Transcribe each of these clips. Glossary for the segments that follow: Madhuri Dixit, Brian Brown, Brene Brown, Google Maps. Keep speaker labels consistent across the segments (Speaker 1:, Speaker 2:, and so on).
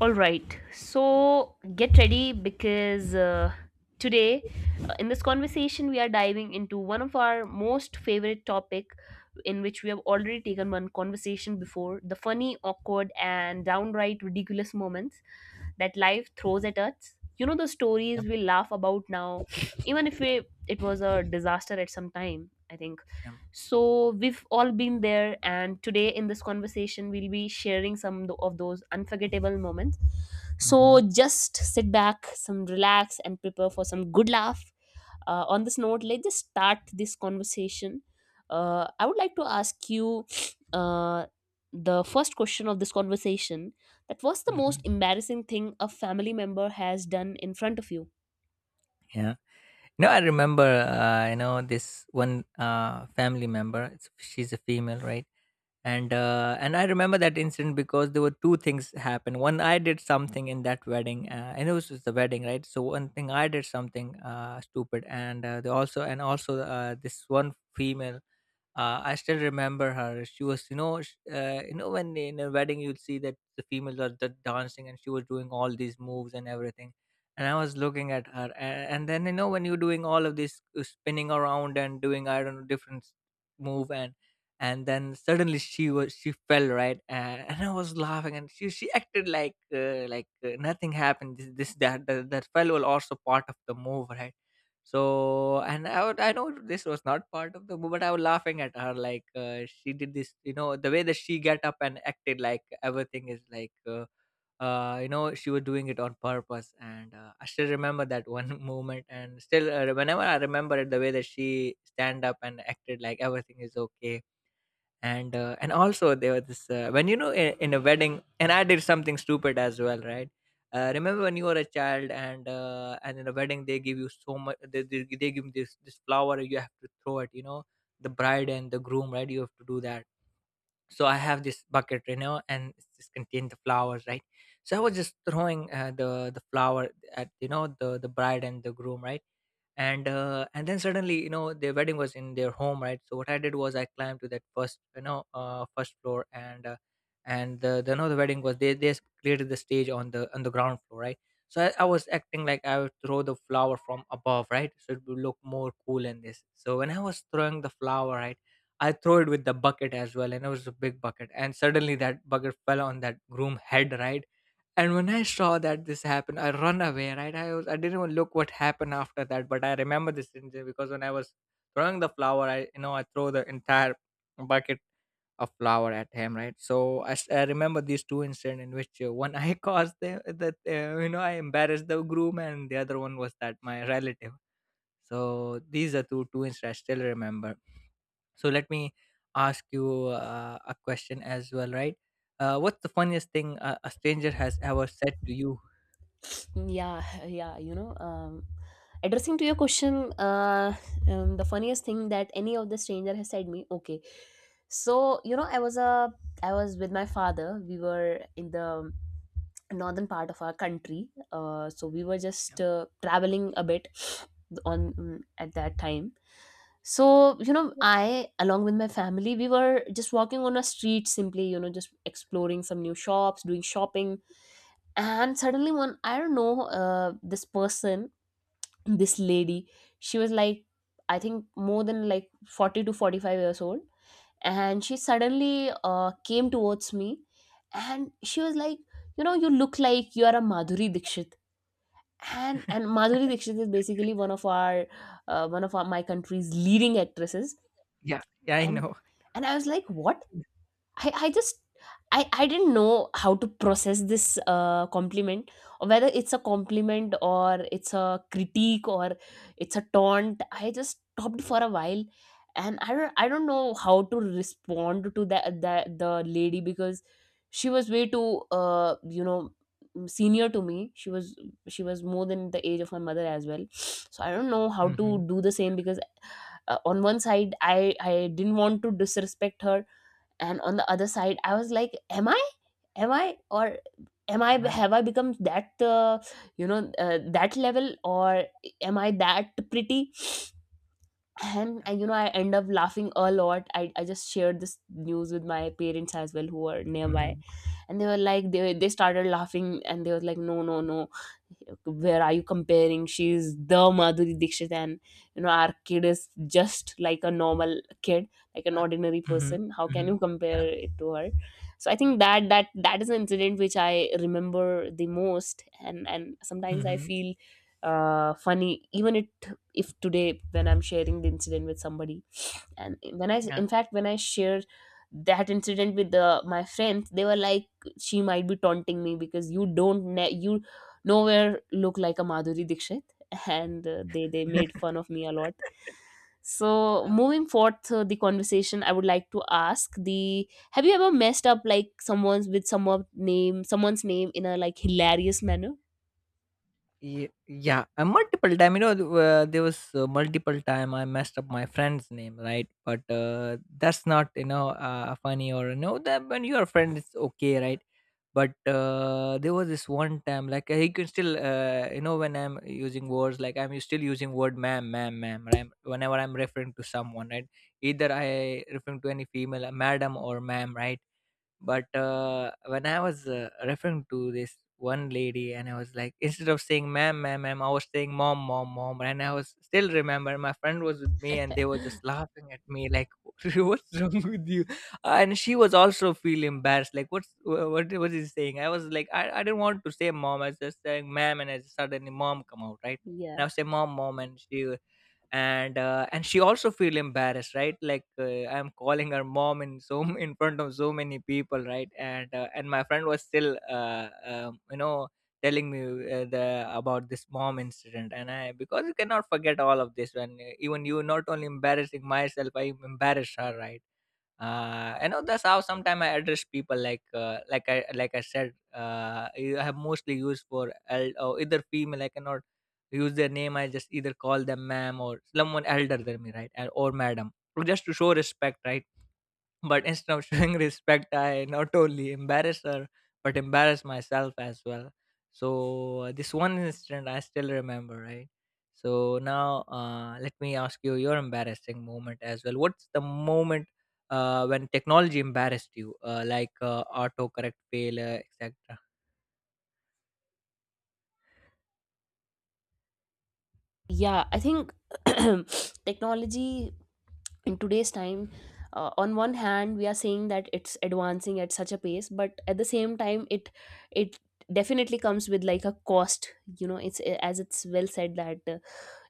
Speaker 1: All right, so get ready because today, in this conversation we are diving into one of our most favorite topic in which we have already taken one conversation before the funny, awkward, and downright ridiculous moments that life throws at us. You know, the stories
Speaker 2: Yep,
Speaker 1: we laugh about now, even if we, it was a disaster at some time. I think
Speaker 2: yep.
Speaker 1: so we've all been there, and today in this conversation, we'll be sharing of those unforgettable moments. So
Speaker 2: Mhm,
Speaker 1: just sit back, some relax, and prepare for some good laugh. On this note, let's just start this conversation. I would like to ask you uh, the first question of this conversation. That was the most
Speaker 2: mhm.
Speaker 1: embarrassing thing a family member has done in front of you.
Speaker 2: Yeah. No, I remember, you know, this one family member. It's, she's a female, right? And I remember that incident because there were two things happened. One, I did something in that wedding, and it was just the wedding, right? So one thing I did something stupid, and the also and also this one female I still remember her. She was, you know, you know, when in a wedding you'll see that the females are dancing, and she was doing all these moves and everything. And I was looking at her, and then you know when you're doing all of this spinning around and doing I don't know different move, and then suddenly she fell, right, and I was laughing, and she acted like nothing happened. That fell was also part of the move, right? So, I know this was not part of the movie, but I was laughing at her. Like, she did this, you know, the way that she got up and acted like everything is like, you know, she was doing it on purpose. And I still remember that one moment. And still, whenever I remember it, the way that she stand up and acted like everything is okay, and also there was this when you know in a wedding, and I did something stupid as well, right. Remember when you were a child, and in a wedding they give you so much, they give you this flower, you have to throw it, you know, the bride and the groom, right, you have to do that. So I have this bucket, you know, and it's just contained the flowers, right. So I was just throwing the flower at, you know, the bride and the groom, right. And then suddenly, you know, their wedding was in their home, right, so what I did was I climbed to that first, you know, first floor, and the no the wedding was, they created the stage on the ground floor, right. So I was acting like I would throw the flower from above, right, so it would look more cool in this. So when I was throwing the flower, right, I throw it with the bucket as well, and it was a big bucket. And suddenly that bucket fell on that groom head, right? And when I saw that this happened, I run away, right? I didn't even look what happened after that, but I remember this incident because when I was throwing the flower, I, you know, I throw the entire bucket of flower at him, right? So I remember these two incidents in which one I caused the, that, you know, I embarrassed the groom, and the other one was that my relative. So these are two incidents I still remember. So let me ask you a question as well, right? What's the funniest thing a stranger has ever said to you?
Speaker 1: Yeah, yeah, addressing to your question, the funniest thing that any of the stranger has said me. Okay. So you know, I was with my father. We were in the northern part of our country, so we were
Speaker 2: Yeah,
Speaker 1: just traveling a bit at that time. So you know, I along with my family, we were just walking on a street simply, you know, just exploring some new shops, doing shopping. And suddenly, one I don't know, this person, this lady, she was like, I think more than like 40 to 45 years old, and she suddenly came towards me, and she was like, "You know, you look like you are a Madhuri Dixit," and Madhuri Dixit is basically one of our, my country's leading actresses.
Speaker 2: yeah, yeah, I
Speaker 1: and
Speaker 2: know.
Speaker 1: and I was like, what? I, I just I didn't know how to process this compliment, or whether it's a compliment or it's a critique or it's a taunt. I just stopped for a while, and I don't know how to respond to that that the lady because she was way too, you know, senior to me. She was, she was more than the age of my mother as well, so I don't know how to
Speaker 2: Mm-hmm.
Speaker 1: do the same because, on one side, I didn't want to disrespect her, and on the other side I was like, am i or am I,
Speaker 2: Yeah,
Speaker 1: have I become that, you know, that level, or am I that pretty? And
Speaker 2: yeah.
Speaker 1: you know, I end up laughing a lot. I just shared this news with my parents as well, who were nearby.
Speaker 2: Mm-hmm.
Speaker 1: And they were like, they started laughing, and they were like, "No, no, no, where are you comparing? She's the Madhuri Dixit, and you know, our kid is just like a normal kid, like an ordinary
Speaker 2: Mm-hmm.
Speaker 1: person. How can
Speaker 2: Mm-hmm.
Speaker 1: you
Speaker 2: Yeah.
Speaker 1: compare it to her?" So I think that is an incident which I remember the most, and sometimes I
Speaker 2: Mm-hmm.
Speaker 1: feel funny, even it if today when I'm sharing the incident with somebody, and when I
Speaker 2: Yeah.
Speaker 1: in fact when I shared that incident with my friends, they were like, "She might be taunting me because you don't ne- you nowhere look like a Madhuri Dixit," and they made fun of me a lot. So
Speaker 2: Uh,
Speaker 1: moving forth, the conversation, I would like to ask the have you ever messed up like someone's name in a like hilarious manner?
Speaker 2: yeah, multiple time. You know, there was multiple time I messed up my friend's name, right? But that's not, you know, funny or no. That when your friend it's okay, right? But there was this one time, like, he can still you know, when I'm using words like I'm still using word ma'am, ma'am, ma'am, right? Whenever I'm referring to someone, right, either I referring to any female, madam or ma'am, right. But when I was referring to this one lady, and I was like, instead of saying ma'am, ma'am, ma'am, I was saying mom, mom, mom. And I was still remember my friend was with me, and they were just laughing at me, like, what's wrong with you? And she was also feel embarrassed, like, what was he saying? I was like, I didn't want to say mom, I was just saying ma'am, and I just suddenly mom come out, right? And
Speaker 1: Yeah,
Speaker 2: I was saying mom, mom, and she, and she also feel embarrassed, right, like, I'm calling her mom in in front of so many people, right. And my friend was still you know, telling me the about this mom incident, and I, because you cannot forget all of this when, even you not only embarrassing myself, I embarrassed her, right. You know, that's how sometimes I address people, like, I have mostly used for or either female, I cannot use their name, I just either call them ma'am or someone elder than me, right, and- or madam, just to show respect, right. But instead of showing respect, I not only embarrassed her, but embarrassed myself as well. So this one incident I still remember, right? So now let me ask you your embarrassing moment as well. What's the moment when technology embarrassed you, like autocorrect failure, etc.?
Speaker 1: yeah, I think, technology in today's time, on one hand we are saying that it's advancing at such a pace, but at the same time it definitely comes with like a cost. You know, it's as it's well said that,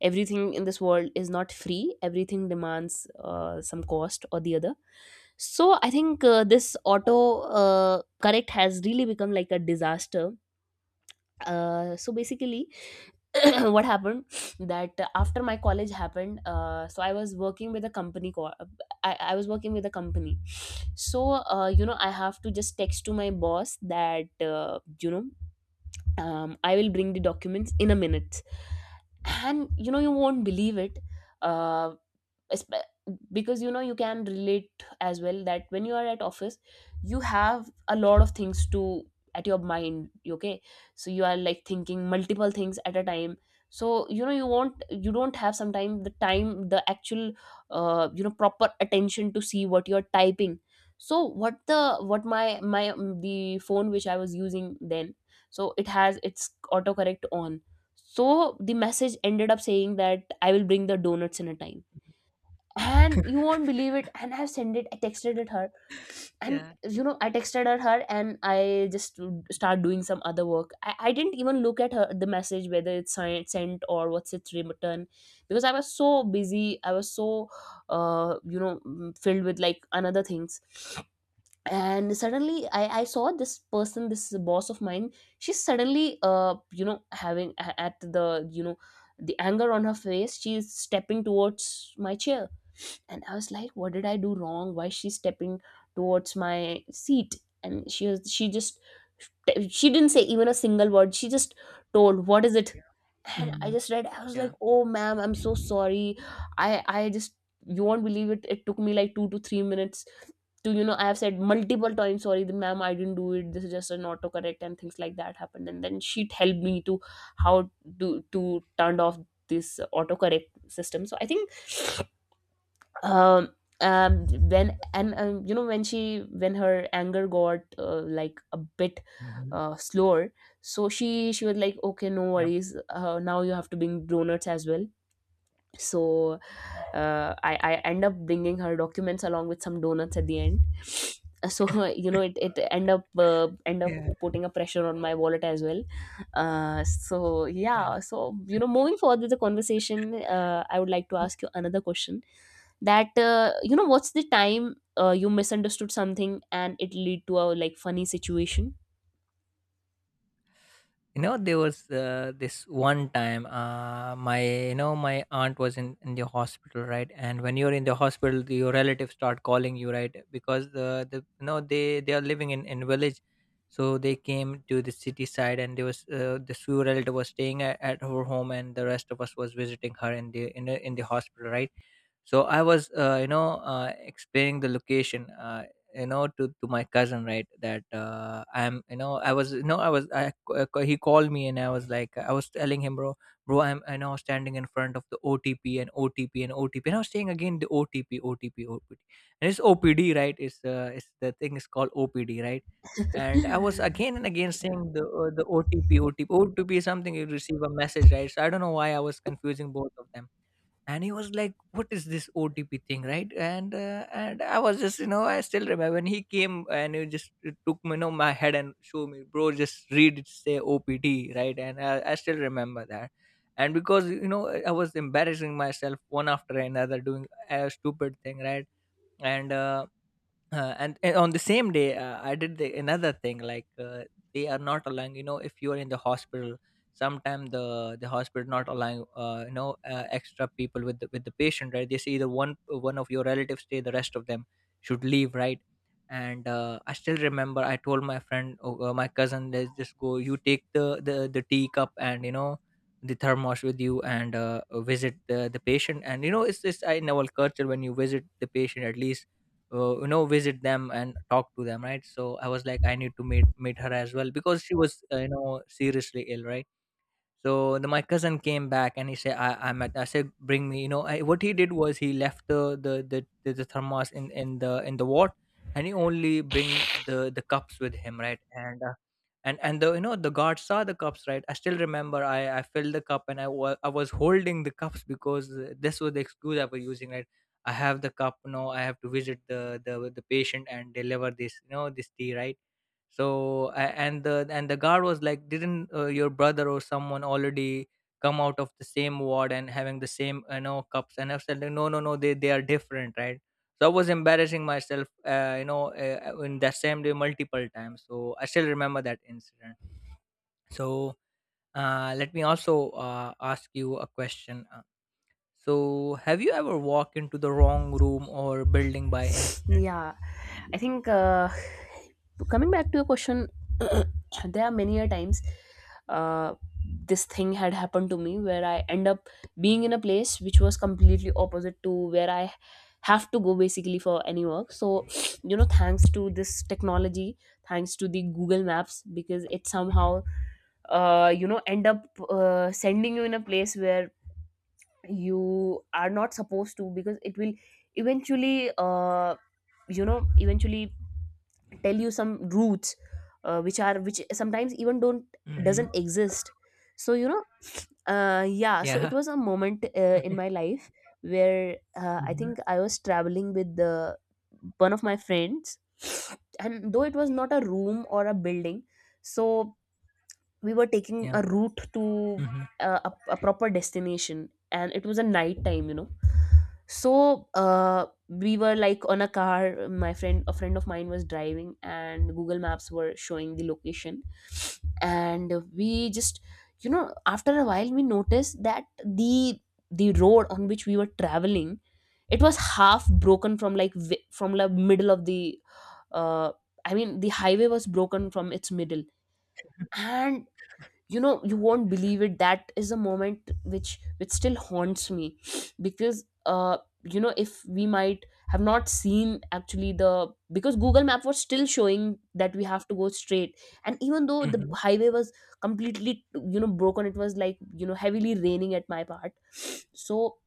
Speaker 1: everything in this world is not free. Everything demands, some cost or the other. So I think, this auto, correct has really become like a disaster. So basically, what happened, that after my college happened, so I was working with a company. I was working with a company. So, you know, I have to just text to my boss that, you know, I will bring the documents in a minute. And you know, you won't believe it. uh, because you know, you can relate as well that when you are at office, you have a lot of things to at your mind. Okay. So you are like thinking multiple things at a time. So you know, you don't have sometimes the actual, you know, proper attention to see what you're typing. So what my the phone which I was using then, so it has its autocorrect on. So the message ended up saying that I will bring the donuts in a time. And you won't believe it. And I texted it her. And
Speaker 2: Yeah.
Speaker 1: you know, I texted her, and I just start doing some other work. I didn't even look at her the message, whether it's sent or what's its return, because I was so busy. I was so You know, filled with like another things. And suddenly, I saw this person, this boss of mine. She's suddenly you know, having at the, you know, the anger on her face. She's stepping towards my chair, and I was like, what did I do wrong? Why is she stepping towards my seat? And she didn't say even a single word. She just told, what is it?
Speaker 2: Yeah.
Speaker 1: And I
Speaker 2: Mhm.
Speaker 1: just read, I was like,
Speaker 2: Yeah.
Speaker 1: "Oh ma'am, I'm so sorry." I just you won't believe it. It took me like 2 to 3 minutes to, you know, I have said multiple times sorry, the ma'am, I didn't do it. This is just an autocorrect and things like that happened. And then she helped me to how to turn off this autocorrect system. So I think, um when and you know, when she when her anger got like a bit
Speaker 2: Mhm.
Speaker 1: slower, so she was like, "Okay, no
Speaker 2: Yep.
Speaker 1: worries, now you have to bring donuts as well." So I end up bringing her documents along with some donuts at the end. So you know, it end up
Speaker 2: Yeah.
Speaker 1: putting a pressure on my wallet as well. So
Speaker 2: Yeah.
Speaker 1: yeah, so you know, moving forward with the conversation, I would like to ask you another question, that, you know, what's the time, you misunderstood something and it lead to a like funny situation?
Speaker 2: You know, there was this one time, my, you know, my aunt was in the hospital, right. And when you're in the hospital, your relatives start calling you, right, because the, you know, they are living in village. So they came to the city side, and there was this few relative was staying at her home, and the rest of us was visiting her in in the hospital, right. So I was you know, explaining the location, you know, to my cousin, right, that I'm you know I was you know I was I, c- c- he called me, and I was like, I was telling him, bro, bro, I'm, you know, standing in front of the OTP, and OTP, and OTP, and I was saying again, the OTP, OTP, OTP, and it's OPD, right? It's it's the thing is called OPD, right. And I was again and again
Speaker 1: Yeah,
Speaker 2: saying the, the OTP OTP OTP is something you receive a message, right, so I don't know why I was confusing both of them. And he was like, what is this OTP thing, right? And I was just, you know, I still remember when he came, and he just took me, you know, my head, and show me, bro, just read it, say OPT, right. And I still remember that. And because, you know, I was embarrassing myself one after another doing a stupid thing, right. And uh, uh, and, and on the same day, I did another thing, like, they are not allowing, you know, if you are in the hospital, sometimes the hospital not allowing, extra people with with the patient, right. They say either one of your relatives stay, the rest of them should leave, right. And I still remember, I told my friend, oh, my cousin, let's just go, you take the tea cup, and, you know, the thermos with you, and visit the patient. And, you know, it's this, I, in our culture, when you visit the patient, at least you know, visit them and talk to them, right. So I was like, I need to meet her as well, because she was, you know, seriously ill, right. So my cousin came back, and he said, I'm at, I said, bring me, you know, I, what he did was he left the thermos in the ward, and he only bring the cups with him. Right. And, and the, you know, the guard saw the cups, right. I still remember, I filled the cup, and I was holding the cups, because this was the excuse I was using, right. I have the cup, no, I have to visit the patient and deliver this, you know, this tea, right. So a- and the and the guard was like, didn't your brother or someone already come out of the same ward and having the same, you know, cups? And I said, no, no, no, they are different, right. So I was embarrassing myself, in that same day multiple times, so I still remember that incident. So let me also ask you a question. So, have you ever walked into the wrong room or building by incident?
Speaker 1: yeah, I think, coming back to your question, there are many a times uh, this thing had happened to me where I end up being in a place which was completely opposite to where I have to go basically for any work. So, you know, thanks to this technology, thanks to the Google Maps, because it
Speaker 2: Mhm.
Speaker 1: somehow, you know, end up sending you in a place where you are not supposed to, because it will eventually, eventually tell you some roots, which sometimes even don't
Speaker 2: Mhm.
Speaker 1: doesn't exist. So you know, yeah, so it
Speaker 2: Yeah.
Speaker 1: was a moment in my life where, I
Speaker 2: Mhm.
Speaker 1: think I was traveling with the one of my friends, and though it was not a room or a building, so we were taking
Speaker 2: Yeah.
Speaker 1: a route to, a proper destination, and it was a night time, you know. So we were like on a car, my friend a friend of mine was driving, and Google Maps were showing the location. And we just you know, after a while we noticed that the road on which we were traveling, it was half broken from the middle of the, uh, I mean, the highway was broken from its middle. And you know, you won't believe it, that is a moment which still haunts me, because you know, if we might have not seen actually the because Google Map was still showing that we have to go straight, and even though the
Speaker 2: Mhm.
Speaker 1: highway was completely, you know, broken, it was like, you know, heavily raining at my part. So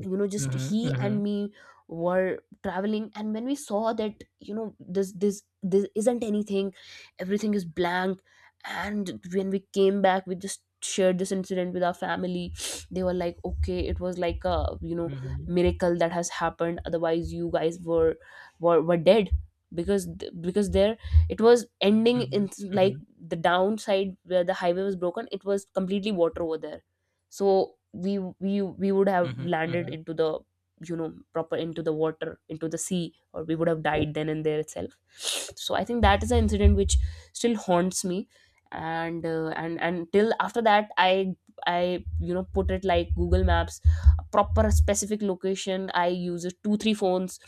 Speaker 1: you know, just
Speaker 2: Mhm,
Speaker 1: he and
Speaker 2: mhm,
Speaker 1: me were traveling, and when we saw that, you know, this isn't anything, everything is blank. And when we came back, we just shared this incident with our family. They were like, "Okay, it was like a, you know,
Speaker 2: mhm,
Speaker 1: miracle that has happened, otherwise you guys were dead, because because there, it was ending
Speaker 2: mhm,
Speaker 1: in like
Speaker 2: mhm,
Speaker 1: the downside where the highway was broken, it was completely water over there. So we would have
Speaker 2: mhm,
Speaker 1: landed
Speaker 2: mhm.
Speaker 1: into the, you know, proper into the water, into the sea, or we would have died then and there itself." So I think that is an incident which still haunts me, and till after that, I you know, put it like Google Maps, a proper specific location. I use it two three phones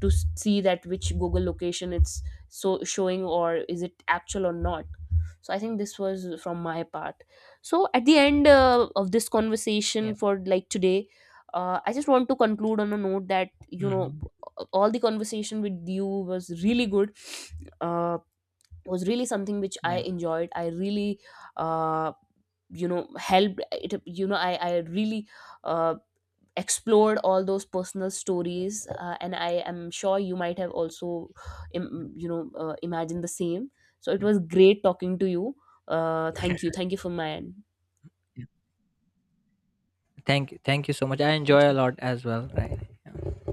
Speaker 1: to see that which Google location it's so showing or is it actual or not. So I think this was from my part. So at the end, of this conversation
Speaker 2: Yeah.
Speaker 1: for like today, I just want to conclude on a note that you know,
Speaker 2: Mhm.
Speaker 1: all the conversation with you was really good. uh, was really something which I
Speaker 2: Yeah.
Speaker 1: enjoyed. I really uh, you know, helped it. You know, I really uh, explored all those personal stories, and I am sure you might have also
Speaker 2: Yeah.
Speaker 1: you know, imagined the same. So it
Speaker 2: Yeah.
Speaker 1: was great talking to you. Thank you, thank you for my end.
Speaker 2: Yeah. Thank you. Thank you so much. I
Speaker 1: Thank
Speaker 2: enjoy a
Speaker 1: you.
Speaker 2: lot as well. Right. Yeah.